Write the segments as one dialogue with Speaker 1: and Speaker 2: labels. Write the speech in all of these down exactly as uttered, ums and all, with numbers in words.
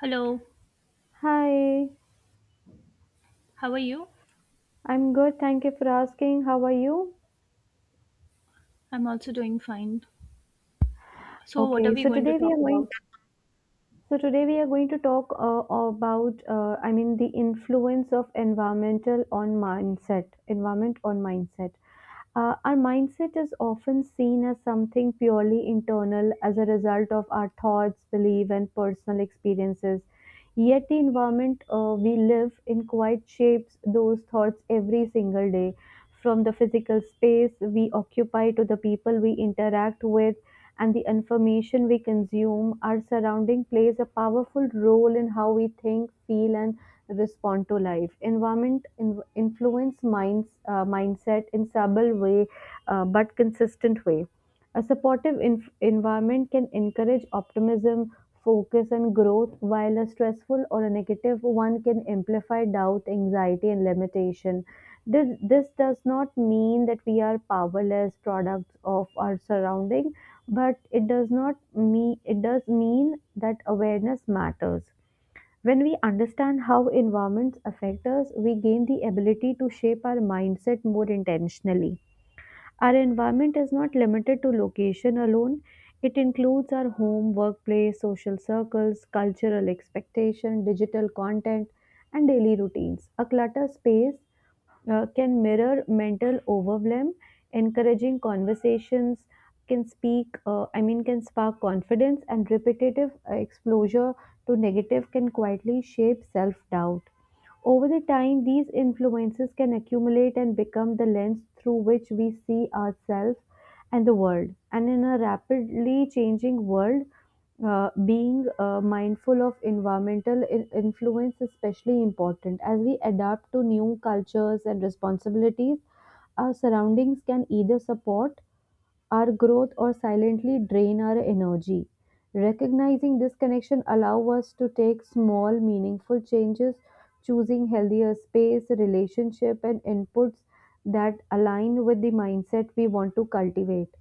Speaker 1: Hello,
Speaker 2: Hi,
Speaker 1: how are you?
Speaker 2: I'm good. Thank you for asking. How are you?
Speaker 1: I'm also doing fine. So, what are
Speaker 2: Okay,
Speaker 1: we
Speaker 2: so
Speaker 1: going to
Speaker 2: today we
Speaker 1: talk
Speaker 2: are going
Speaker 1: about?
Speaker 2: so today we are going to talk uh, about uh, I mean the influence of environmental on mindset, environment on mindset. Uh, our mindset is often seen as something purely internal as a result of our thoughts, belief and personal experiences. Yet the environment uh, we live in quite shapes those thoughts every single day, from the physical space we occupy to the people we interact with and the information we consume. Our surrounding plays a powerful role in how we think, feel, and respond to life. Environment in- influence minds, uh, mindset in subtle way, uh, but consistent way, a supportive inf- environment can encourage optimism, focus, and growth, while a stressful or a negative one can amplify doubt, anxiety, and limitation. This, this does not mean that we are powerless products of our surrounding, but it does not mean, it does mean that awareness matters. When we understand how environments affect us, we gain the ability to shape our mindset more intentionally. Our environment is not limited to location alone. It includes our home, workplace, social circles, cultural expectation, digital content, and daily routines. A cluttered space uh, can mirror mental overwhelm, encouraging conversations can speak, uh, I mean, can spark confidence, and repetitive uh, exposure to negative can quietly shape self doubt. Over the time, these influences can accumulate and become the lens through which we see ourselves and the world. And in a rapidly changing world, uh, being uh, mindful of environmental in- influence is especially important. As we adapt to new cultures and responsibilities, our surroundings can either support our growth or silently drain our energy. Recognizing this connection allow us to take small meaningful changes, choosing healthier space, relationship and inputs that align with the mindset we want to cultivate.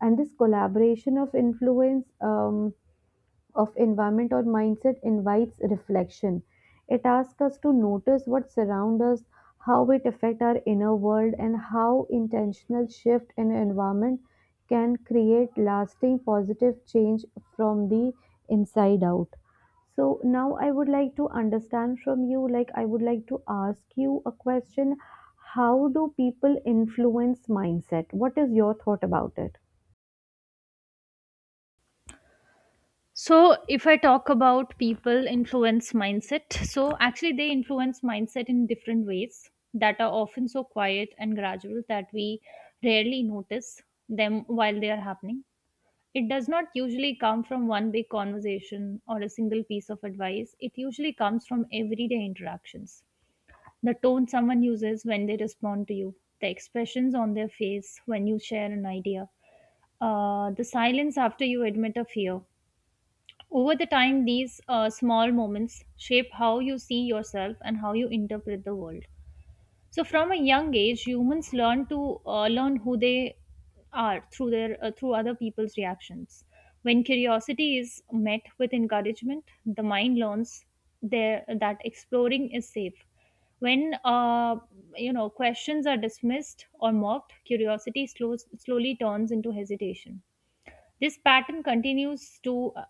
Speaker 2: And this collaboration of influence um, of environment or mindset invites reflection. It asks us to notice what surrounds us, how it affects our inner world, and how intentional shift in environment can create lasting positive change from the inside out. So now I would like to understand from you, like I would like to ask you a question. How do people influence mindset? What is your thought about it?
Speaker 1: So, if I talk about people influence mindset, so actually they influence mindset in different ways that are often so quiet and gradual that we rarely notice them while they are happening. It does not usually come from one big conversation or a single piece of advice, it usually comes from everyday interactions. The tone someone uses when they respond to you, the expressions on their face when you share an idea, uh, the silence after you admit a fear. Over the time, these uh, small moments shape how you see yourself and how you interpret the world. So from a young age, humans learn to uh, learn who they are through their uh, through other people's reactions. When curiosity is met with encouragement, the mind learns there that exploring is safe. When uh, you know questions are dismissed or mocked, curiosity slows, slowly turns into hesitation. This pattern continues to uh,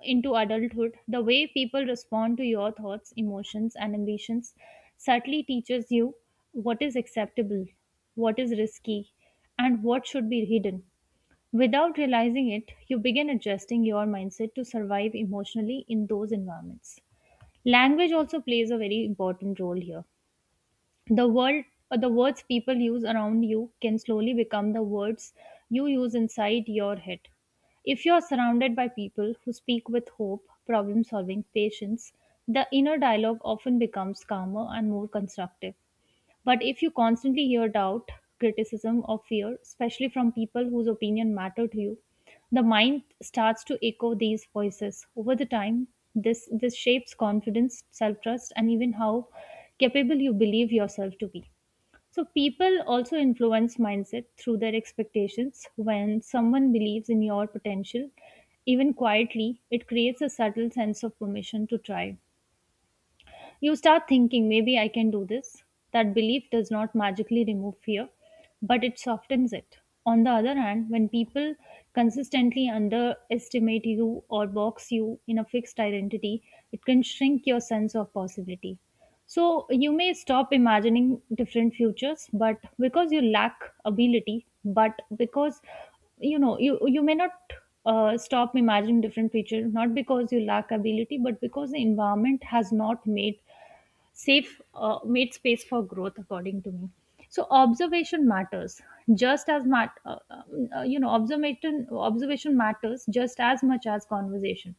Speaker 1: into adulthood. The way people respond to your thoughts, emotions, and ambitions subtly teaches you what is acceptable, what is risky, and what should be hidden. Without realizing it, you begin adjusting your mindset to survive emotionally in those environments. Language also plays a very important role here. The world uh, the words people use around you can slowly become the words you use inside your head. If you are surrounded by people who speak with hope, problem solving, patience, the inner dialogue often becomes calmer and more constructive, but if you constantly hear doubt, criticism, or fear, especially from people whose opinion matter to you, the mind starts to echo these voices. Over the time, this this shapes confidence, self-trust, and even how capable you believe yourself to be. So people also influence mindset through their expectations. When someone believes in your potential, even quietly, it creates a subtle sense of permission to try. You start thinking, maybe I can do this. That belief does not magically remove fear, but it softens it. On the other hand, when people consistently underestimate you or box you in a fixed identity, it can shrink your sense of possibility. So you may stop imagining different futures, but because you lack ability, but because you know you you may not uh, stop imagining different future, not because you lack ability, but because the environment has not made safe uh, made space for growth, according to me. So observation matters just as mat- uh, uh, uh, you know observation observation matters just as much as conversation.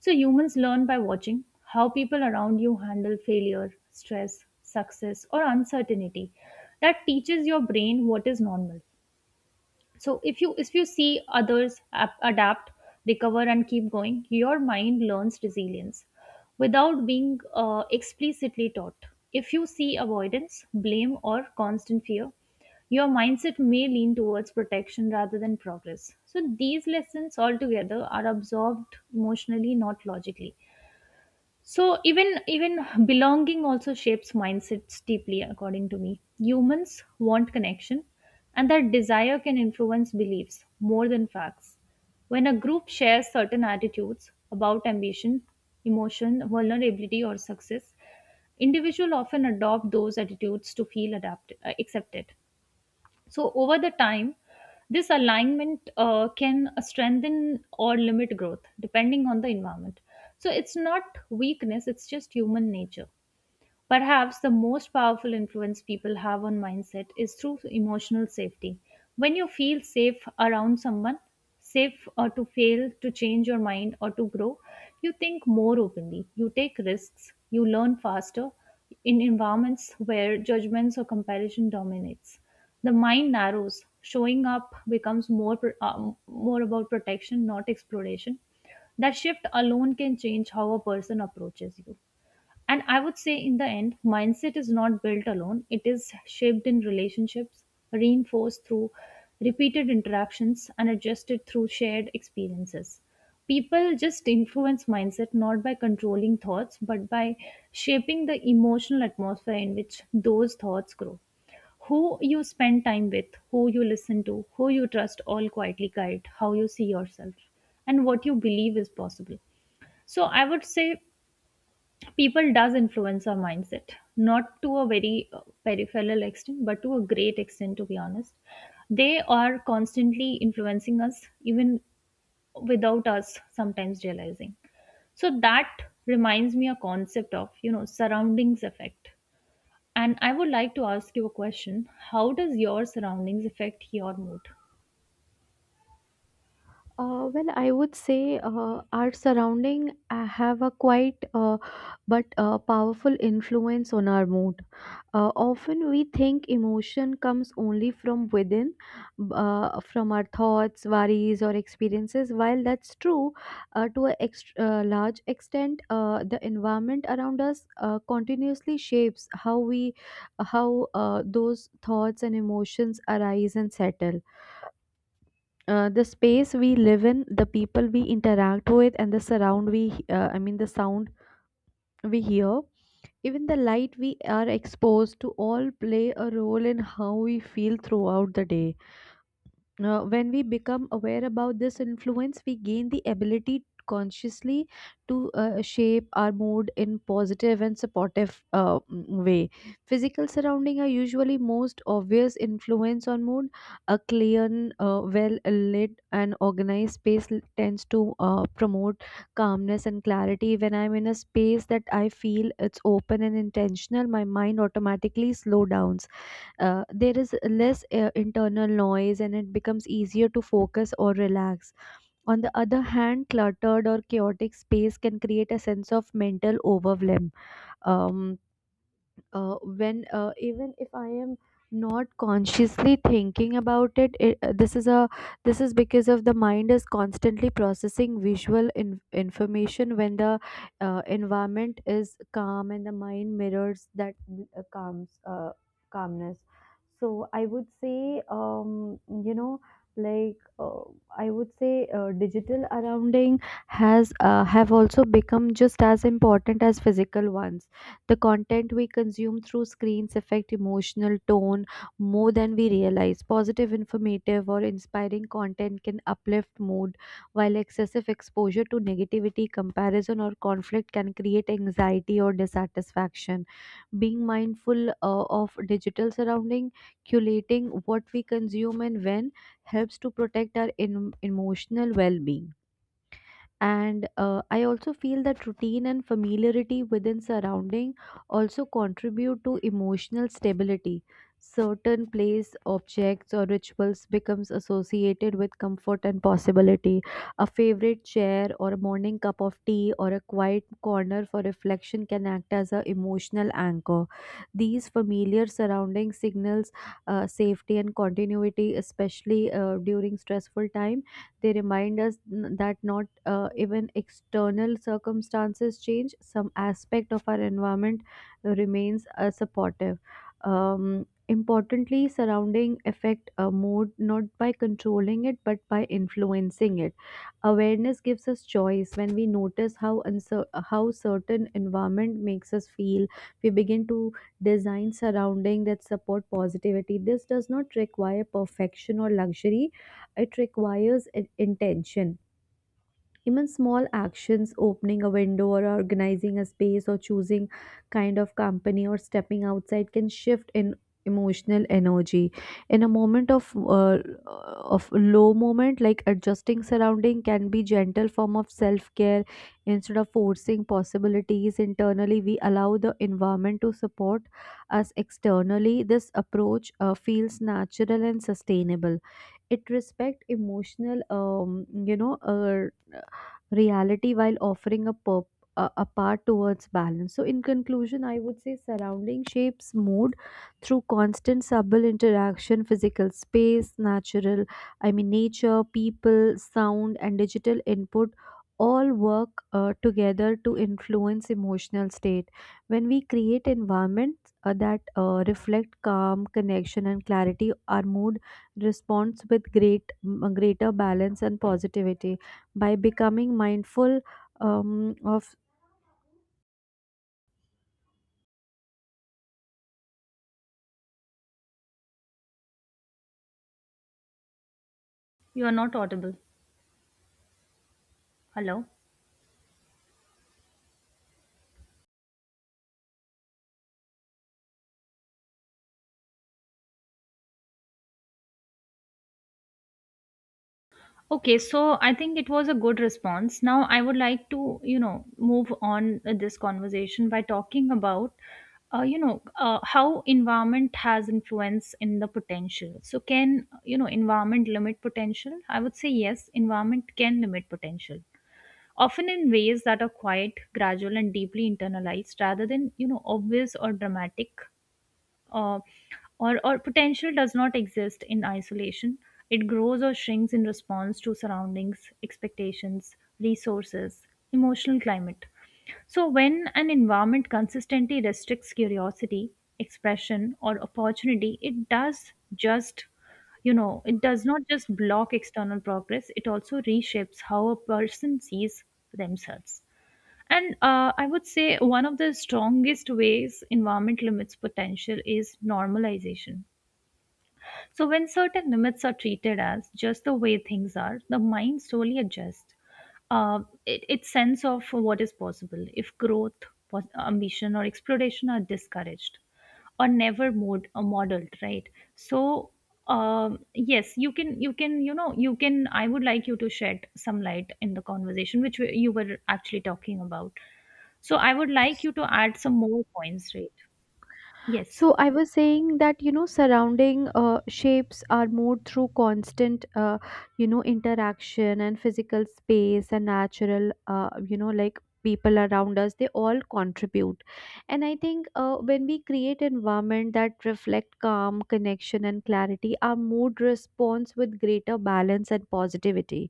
Speaker 1: So humans learn by watching how people around you handle failure, stress, success, or uncertainty. That teaches your brain what is normal. So if you if you see others ap- adapt, recover, and keep going, your mind learns resilience without being uh, explicitly taught. If you see avoidance, blame, or constant fear, your mindset may lean towards protection rather than progress. So these lessons altogether are absorbed emotionally, not logically. So even even belonging also shapes mindsets deeply, according to me. Humans want connection, and that desire can influence beliefs more than facts. When a group shares certain attitudes about ambition, emotion, vulnerability, or success, individuals often adopt those attitudes to feel adapted, uh, accepted. So, over the time, this alignment uh, can strengthen or limit growth depending on the environment. So, it's not weakness, it's just human nature. Perhaps the most powerful influence people have on mindset is through emotional safety. When you feel safe around someone, safe or to fail, to change your mind or to grow, you think more openly, you take risks, you learn faster in environments where judgments or comparison dominates. The mind narrows, showing up becomes more pr- um, more about protection, not exploration. That shift alone can change how a person approaches you. And I would say, in the end, mindset is not built alone, it is shaped in relationships, reinforced through repeated interactions, and adjusted through shared experiences. People just influence mindset not by controlling thoughts, but by shaping the emotional atmosphere in which those thoughts grow. Who you spend time with, who you listen to, who you trust all quietly guide how you see yourself and what you believe is possible. So I would say people does influence our mindset not to a very uh, peripheral extent but to a great extent, to be honest. They are constantly influencing us even without us sometimes realizing. So that reminds me a concept of, you know, surroundings effect, and I would like to ask you a question: how does your surroundings affect your mood?
Speaker 2: Uh, well, I would say uh, our surrounding uh, have a quite uh, but uh, powerful influence on our mood. Uh, often we think emotion comes only from within, b- uh, from our thoughts, worries, or experiences. While that's true, uh, to a ext- uh, large extent, uh, the environment around us uh, continuously shapes how we, how uh, those thoughts and emotions arise and settle. Uh, the space we live in, the people we interact with, and the surround we, uh, I mean, the sound we hear, even the light we are exposed to all play a role in how we feel throughout the day. Uh, when we become aware about this influence we gain the ability consciously to uh, shape our mood in positive and supportive uh, mm, way. Physical surrounding are usually most obvious influence on mood. A clean uh, well lit and organized space l- tends to uh, promote calmness and clarity. When I'm in a space that I feel it's open and intentional my mind automatically slow downs. Uh, there is less uh, internal noise and it becomes easier to focus or relax. On the other hand, cluttered or chaotic space can create a sense of mental overwhelm. Um, uh, when uh, Even if I am not consciously thinking about it, it uh, this is a this is because of the mind is constantly processing visual in, information. When the uh, environment is calm and the mind mirrors that uh, calms uh, calmness. So I would say um, you know like uh, I would say uh, digital surrounding has uh, have also become just as important as physical ones. The content we consume through screens affect emotional tone more than we realize. Positive, informative, or inspiring content can uplift mood, while excessive exposure to negativity, comparison, or conflict can create anxiety or dissatisfaction. Being mindful uh, of digital surrounding, curating what we consume and when helps to protect our em- emotional well-being. And uh, I also feel that routine and familiarity within surrounding also contribute to emotional stability. Certain place objects or rituals becomes associated with comfort and possibility. A favorite chair or a morning cup of tea or a quiet corner for reflection can act as a emotional anchor. These familiar surroundings signals uh, safety and continuity, especially uh, during stressful time. They remind us n- that not uh, even external circumstances change, some aspect of our environment remains uh, supportive. Um, importantly, surrounding affect a mood not by controlling it but by influencing it. Awareness gives us choice. When we notice how uncer- how certain environment makes us feel, we begin to design surrounding that support positivity. This does not require perfection or luxury, it requires i- intention. Even small actions, opening a window or organizing a space or choosing kind of company or stepping outside can shift in emotional energy. In a moment of uh, of low moment, like adjusting surrounding can be gentle form of self care. Instead of forcing possibilities internally we allow the environment to support us externally. This approach uh, feels natural and sustainable. It respect emotional um, you know uh, reality while offering a purp a a path towards balance. So, in conclusion, I would say surrounding shapes mood through constant subtle interaction, physical space, natural, I mean, nature, people, sound, and digital input all work uh, together to influence emotional state. When we create environments uh, that uh, reflect calm connection and clarity our mood responds with great greater balance and positivity by becoming mindful um, of
Speaker 1: You are not audible. Hello. Okay, so I think it was a good response. Now I would like to, you know, move on uh, this conversation by talking about, uh, you know, uh, how environment has influence in the potential. So can, you know, environment limit potential? I would say yes, environment can limit potential, often in ways that are quiet, gradual, and deeply internalized rather than, you know, obvious or dramatic. Uh, or, or potential does not exist in isolation. It grows or shrinks in response to surroundings, expectations, resources, emotional climate. So, when an environment consistently restricts curiosity, expression, or opportunity, it does just, you know, it does not just block external progress, it also reshapes how a person sees themselves. And uh, I would say one of the strongest ways environment limits potential is normalization. So, when certain limits are treated as just the way things are, the mind slowly adjusts uh, it, its sense of what is possible if growth, pos- ambition, or exploration are discouraged or never mod- uh, modeled, right? So, um, yes, you can, you can, you know, you can. I would like you to shed some light in the conversation which we- you were actually talking about. So I would like you to add some more points, right? Yes.
Speaker 2: so I was saying that you know surrounding uh, shapes our mood through constant uh, you know interaction, and physical space and natural uh, you know like people around us, they all contribute. And I think uh, when we create environment that reflect calm connection and clarity our mood responds with greater balance and positivity.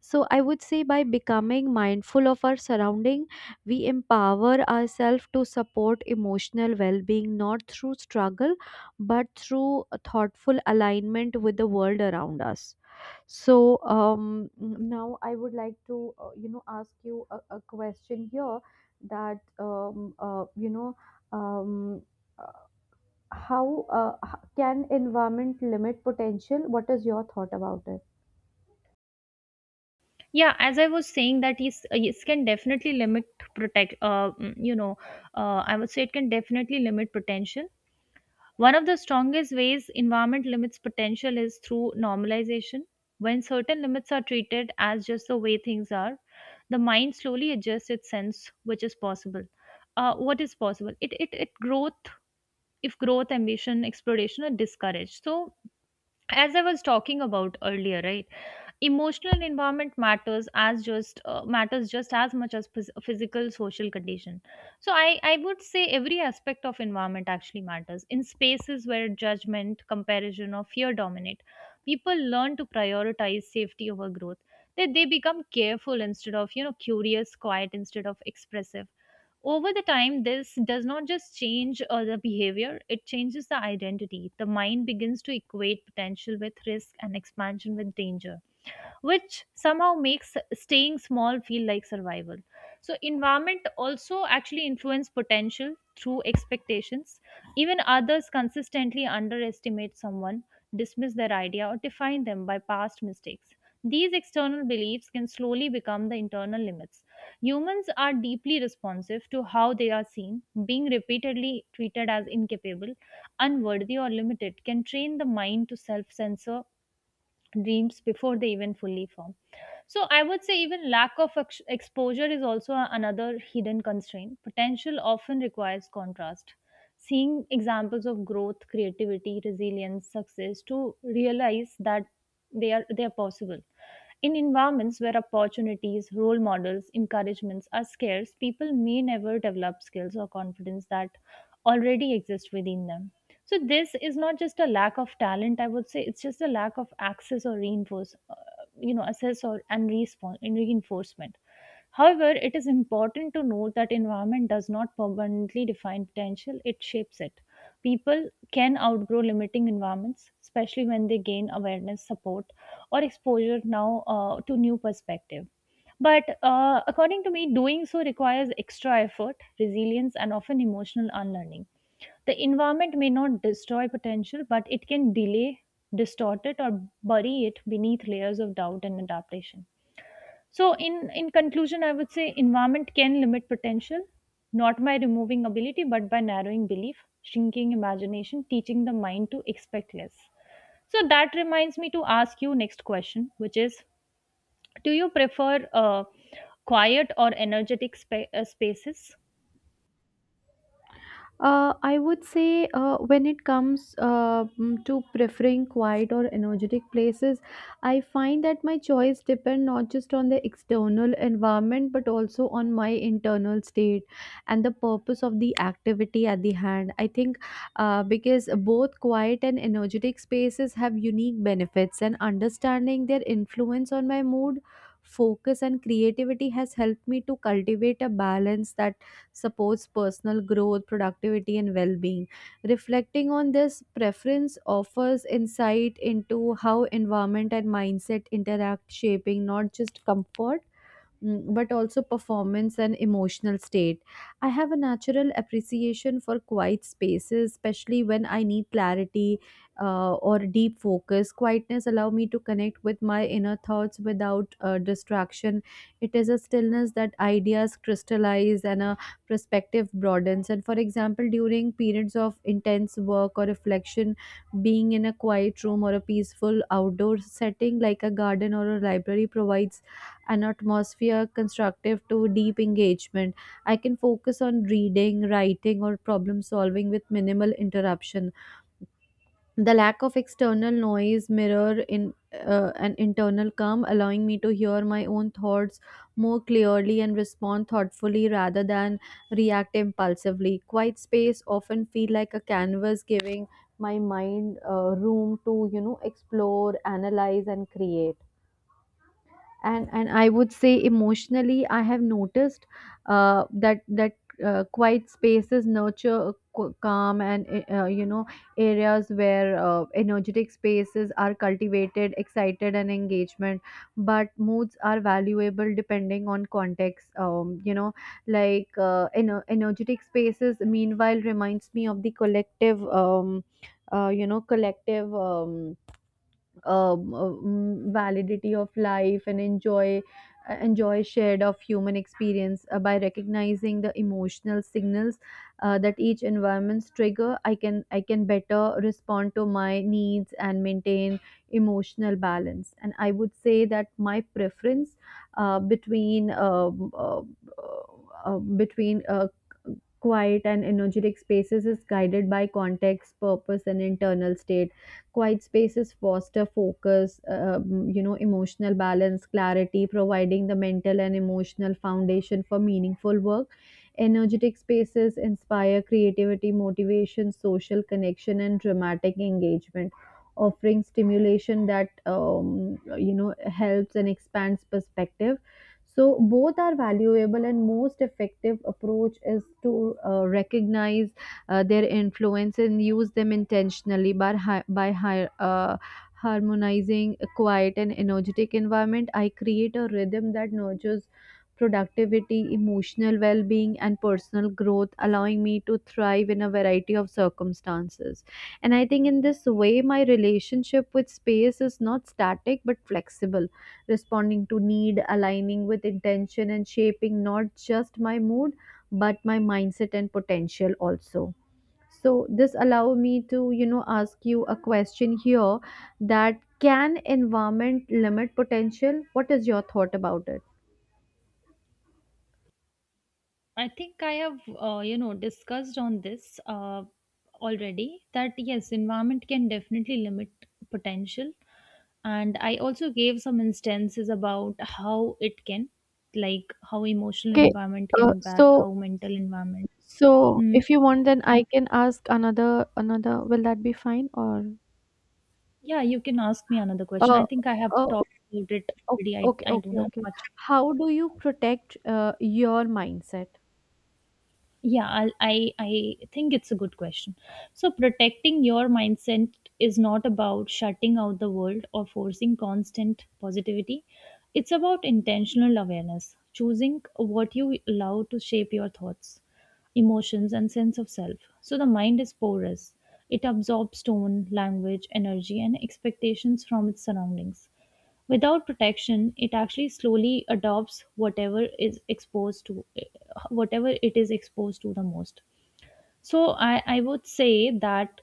Speaker 2: So I would say by becoming mindful of our surrounding, we empower ourselves to support emotional well-being not through struggle, but through a thoughtful alignment with the world around us. So um, now I would like to uh, you know ask you a, a question here that um, uh, you know um, uh, how uh, h- can environment limit potential? What is your thought about it?
Speaker 1: Yeah, as I was saying that is uh, it can definitely limit protect uh, mm, you know uh, I would say it can definitely limit potential. One of the strongest ways environment limits potential is through normalization. When certain limits are treated as just the way things are, the mind slowly adjusts its sense which is possible. Uh, what is possible? It it it growth if growth, ambition, exploration are discouraged. So as I was talking about earlier, right? Emotional environment matters as just uh, matters just as much as phys- physical social condition. So I I would say every aspect of environment actually matters. In spaces where judgment, comparison, or fear dominate, people learn to prioritize safety over growth. That they they become careful instead of, you know, curious, quiet instead of expressive. Over the time, this does not just change uh, the behavior; it changes the identity. The mind begins to equate potential with risk and expansion with danger, which somehow makes staying small feel like survival. So environment also actually influence potential through expectations. Even others consistently underestimate someone, dismiss their idea, or define them by past mistakes, these external beliefs can slowly become the internal limits. Humans are deeply responsive to how they are seen. Being repeatedly treated as incapable, unworthy, or limited can train the mind to self censor dreams before they even fully form. So I would say even lack of ex- exposure is also a- another hidden constraint. Potential often requires contrast. Seeing examples of growth, creativity, resilience, success to realize that they are they are possible. In environments where opportunities, role models, encouragements are scarce, people may never develop skills or confidence that already exist within them. So this is not just a lack of talent, I would say it's just a lack of access or reinforce uh, you know assess or and response and reinforcement. However, it is important to note that environment does not permanently define potential, it shapes it. People can outgrow limiting environments, especially when they gain awareness, support, or exposure now uh, to new perspective. But uh, according to me, doing so requires extra effort, resilience, and often emotional unlearning. The environment may not destroy potential, but it can delay, distort it, or bury it beneath layers of doubt and adaptation. So, in, in conclusion, I would say environment can limit potential, not by removing ability, but by narrowing belief, shrinking imagination, teaching the mind to expect less. So, that reminds me to ask you next question, which is, do you prefer uh, quiet or energetic spa- uh, spaces?
Speaker 2: Uh, I would say uh, when it comes uh, mm, to preferring quiet or energetic places, I find that my choice depend not just on the external environment but also on my internal state and the purpose of the activity at the hand. I think uh, because both quiet and energetic spaces have unique benefits, and understanding their influence on my mood. Focus and creativity has helped me to cultivate a balance that supports personal growth, productivity, and well being. Reflecting on this preference offers insight into how environment and mindset interact, shaping not just comfort mm, but also performance and emotional state. I have a natural appreciation for quiet spaces, especially when I need clarity uh, or deep focus. Quietness allow me to connect with my inner thoughts without uh, distraction. It is a stillness that ideas crystallize and a perspective broadens. And for example, during periods of intense work or reflection, being in a quiet room or a peaceful outdoor setting like a garden or a library provides an atmosphere constructive to deep engagement. I can focus on reading, writing, or problem solving with minimal interruption. The lack of external noise mirror in uh, an internal calm, allowing me to hear my own thoughts more clearly and respond thoughtfully rather than react impulsively. Quiet space often feel like a canvas, giving my mind uh, room to you know explore, analyze, and create. And and I would say emotionally I have noticed uh, that that uh, quiet spaces nurture a calm, and uh, you know areas where uh, energetic spaces are cultivated excited and engagement. But moods are valuable depending on context. Um, you know like uh, ener- energetic spaces meanwhile reminds me of the collective um, uh, you know collective um, um, um, validity of life and enjoy uh, enjoy shared of human experience. Uh, by recognizing the emotional signals uh, that each environment's trigger i can I can better respond to my needs and maintain emotional balance. And I would say that my preference uh, between um, uh, uh, between uh, quiet and energetic spaces is guided by context purpose and internal state. Quiet spaces foster focus, um, you know, emotional balance, clarity, providing the mental and emotional foundation for meaningful work. Energetic spaces inspire creativity, motivation, social connection, and dramatic engagement, offering stimulation that um, you know helps and expands perspective. So both are valuable, and most effective approach is to uh, recognize uh, their influence and use them intentionally by, hi- by hi- uh, harmonizing a quiet and energetic environment. I create a rhythm that nurtures productivity, emotional well-being, and personal growth, allowing me to thrive in a variety of circumstances. And I think in this way my relationship with space is not static but flexible, responding to need, aligning with intention, and shaping not just my mood but my mindset and potential also. So this allow me to, you know, ask you a question here, that can environment limit potential? What is your thought about it?
Speaker 1: I think I have, uh, you know, discussed on this uh, already that yes, environment can definitely limit potential. And I also gave some instances about how it can, like how emotional
Speaker 2: Okay,
Speaker 1: environment can
Speaker 2: uh,
Speaker 1: impact,
Speaker 2: so
Speaker 1: how mental environment.
Speaker 2: so
Speaker 1: Hmm.
Speaker 2: if you want, then I can ask another another. Will that be fine or?
Speaker 1: Yeah, you can ask me another question.
Speaker 2: Uh,
Speaker 1: I think I have
Speaker 2: uh,
Speaker 1: talked about it
Speaker 2: okay,
Speaker 1: already. I,
Speaker 2: okay,
Speaker 1: I don't
Speaker 2: okay,
Speaker 1: have
Speaker 2: okay.
Speaker 1: much.
Speaker 2: How do you protect uh, your mindset?
Speaker 1: Yeah, I'll, I I think it's a good question. So protecting your mindset is not about shutting out the world or forcing constant positivity. It's about intentional awareness, choosing what you allow to shape your thoughts, emotions and sense of self. So the mind is porous. It absorbs tone, language, energy and expectations from its surroundings. Without protection, it actually slowly adopts whatever is exposed to whatever it is exposed to the most. So I, I would say that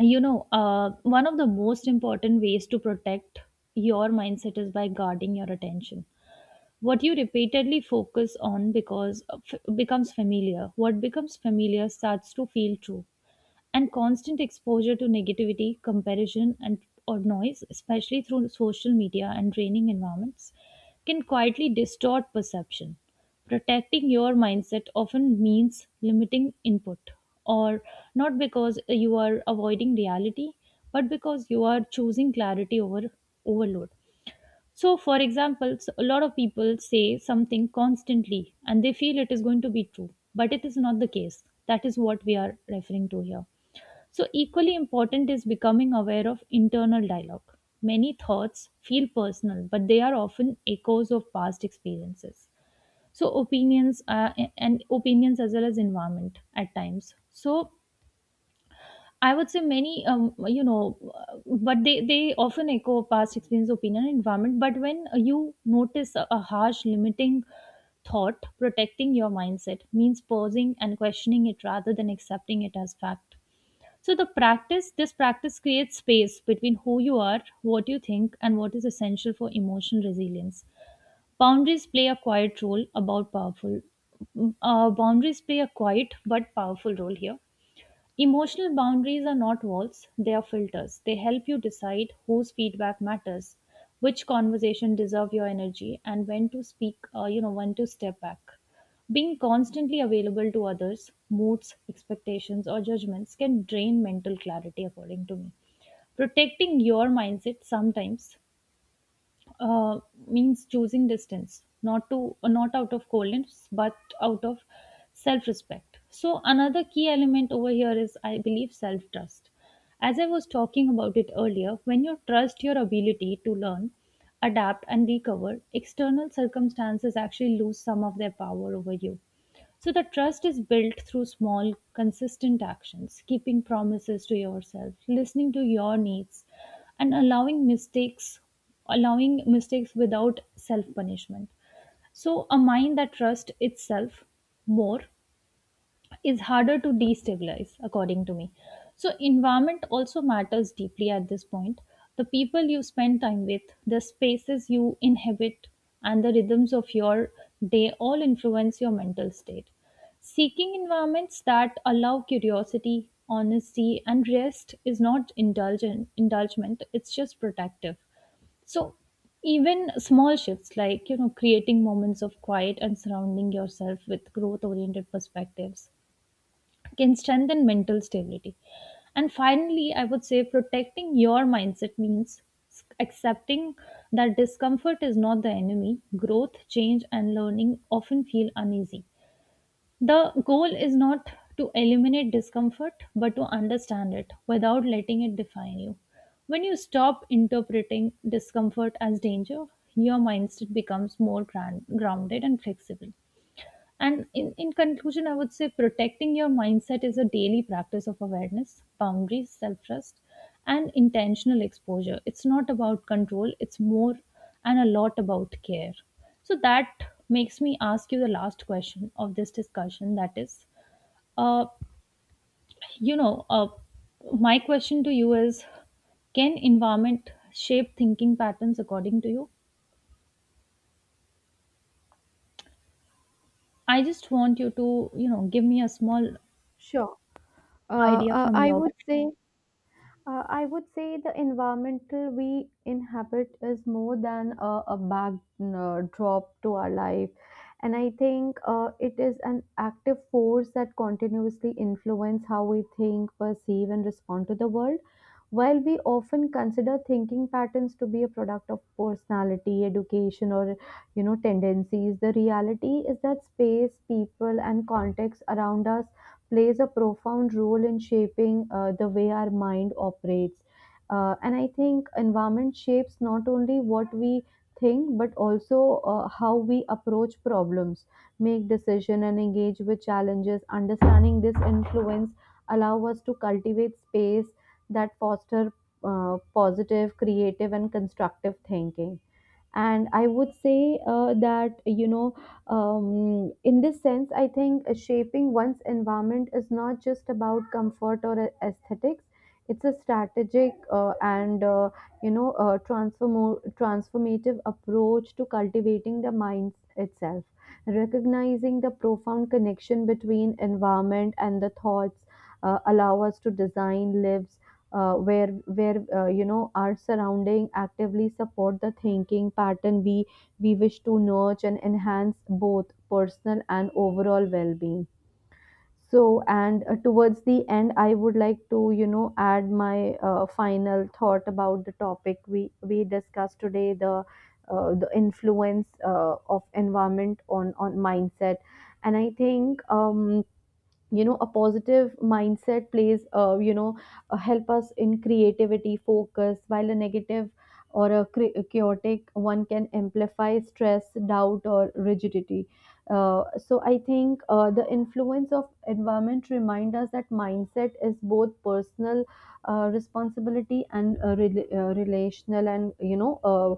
Speaker 1: you know uh, one of the most important ways to protect your mindset is by guarding your attention. What you repeatedly focus on because uh, f- becomes familiar. What becomes familiar starts to feel true and constant exposure to negativity, comparison, and or noise, especially through social media and training environments, can quietly distort perception. Protecting your mindset often means limiting input, or not because you are avoiding reality, but because you are choosing clarity over overload. So, for example, s- a lot of people say something constantly and they feel it is going to be true, but it is not the case. That is what we are referring to here. So, equally important is becoming aware of internal dialogue. Many thoughts feel personal, but they are often echoes of past experiences. So, opinions uh, and opinions as well as environment at times. So, I would say many, um, you know, uh, but they, they often echo past experience, opinion, and environment. But when you notice a, a harsh, limiting thought, protecting your mindset means pausing and questioning it rather than accepting it as fact. So the practice, this practice creates space between who you are, what you think, and what is essential for emotional resilience. Boundaries play a quiet role about powerful. Uh, boundaries play a quiet but powerful role here. Emotional boundaries are not walls, they are filters. They help you decide whose feedback matters, which conversation deserve your energy, and when to speak, uh, you know, when to step back. Being constantly available to others, moods, expectations, or judgments can drain mental clarity, according to me. Protecting your mindset sometimes uh, means choosing distance, not to uh, not out of coldness but out of self respect. So another key element over here is I believe self trust. As I was talking about it earlier, when you trust your ability to learn, adapt and recover, external circumstances actually lose some of their power over you. So the trust is built through small, consistent actions, keeping promises to yourself, listening to your needs, and allowing mistakes, allowing mistakes without self punishment. So a mind that trusts itself more is harder to destabilize, according to me. So, environment also matters deeply at this point. The people you spend time with, the spaces you inhabit, and the rhythms of your day all influence your mental state. Seeking environments that allow curiosity, honesty, and rest is not indulgent, indulgement, it's just protective. So even small shifts like you know creating moments of quiet and surrounding yourself with growth oriented perspectives can strengthen mental stability. And finally, I would say protecting your mindset means accepting that discomfort is not the enemy. Growth, change, and learning often feel uneasy. The goal is not to eliminate discomfort, but to understand it without letting it define you. When you stop interpreting discomfort as danger, your mindset becomes more gran- grounded and flexible. And in, in conclusion, I would say protecting your mindset is a daily practice of awareness, boundaries, self trust, and intentional exposure. It's not about control, it's more and a lot about care. So that makes me ask you the last question of this discussion, that is, uh, you know, uh, my question to you is can environment shape thinking patterns according to you? I just want you to, you know, give me a small
Speaker 2: Sure. Uh,
Speaker 1: idea
Speaker 2: uh,
Speaker 1: from
Speaker 2: I
Speaker 1: your.
Speaker 2: would say Uh, I would say the environmental we inhabit is more than a, a backdrop to our life. And I think uh, it is an active force that continuously influence how we think, perceive, and respond to the world. While we often consider thinking patterns to be a product of personality, education, or you know tendencies, the reality is that space, people, and context around us plays a profound role in shaping uh, the way our mind operates. Uh, and I think environment shapes not only what we think but also uh, how we approach problems, make decision, and engage with challenges. Understanding this influence allow us to cultivate space that foster uh, positive, creative, and constructive thinking. And I would say uh, that, you know, um, in this sense, I think uh, shaping one's environment is not just about comfort or a- aesthetics. It's a strategic uh, and, uh, you know, uh, transform- transformative approach to cultivating the mind itself. Recognizing the profound connection between environment and the thoughts uh, allow us to design, live, uh, where where uh, you know our surrounding actively support the thinking pattern we we wish to nurture and enhance both personal and overall well-being. So and uh, towards the end I would like to you know add my uh, final thought about the topic we we discussed today, the uh, the influence uh, of environment on on mindset. And I think um you know a positive mindset plays uh, you know uh, help us in creativity focus, while a negative or a cre- a chaotic one can amplify stress, doubt, or rigidity. Uh, so I think uh, the influence of environment remind us that mindset is both personal uh, responsibility and uh, rela- uh, relational and you know uh,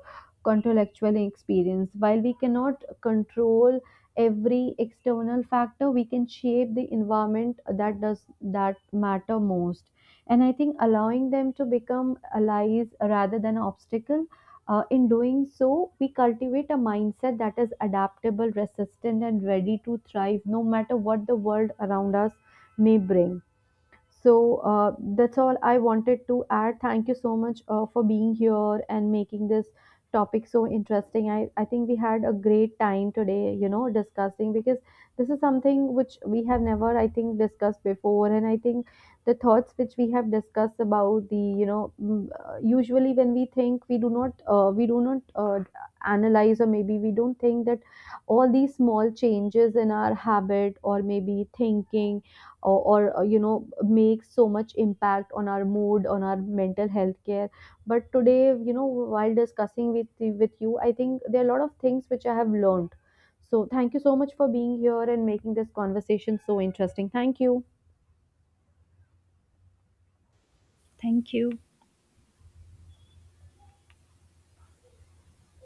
Speaker 2: contextual experience. While we cannot control every external factor, we can shape the environment that does that matter most. And I think allowing them to become allies rather than obstacle. Uh, in doing so we cultivate a mindset that is adaptable, resistant, and ready to thrive no matter what the world around us may bring. So uh, that's all I wanted to add. Thank you so much uh, for being here and making this topic so interesting. I, I think we had a great time today, you know, discussing, because this is something which we have never, I think, discussed before. And I think the thoughts which we have discussed about the, you know, mm, uh, usually when we think we do not, uh, we do not uh, analyze, or maybe we don't think that all these small changes in our habit or maybe thinking or, or uh, you know makes so much impact on our mood, on our mental health care. But today you know while discussing with with you I think there are a lot of things which I have learned. So thank you so much for being here and making this conversation so interesting. Thank you.
Speaker 1: Thank you.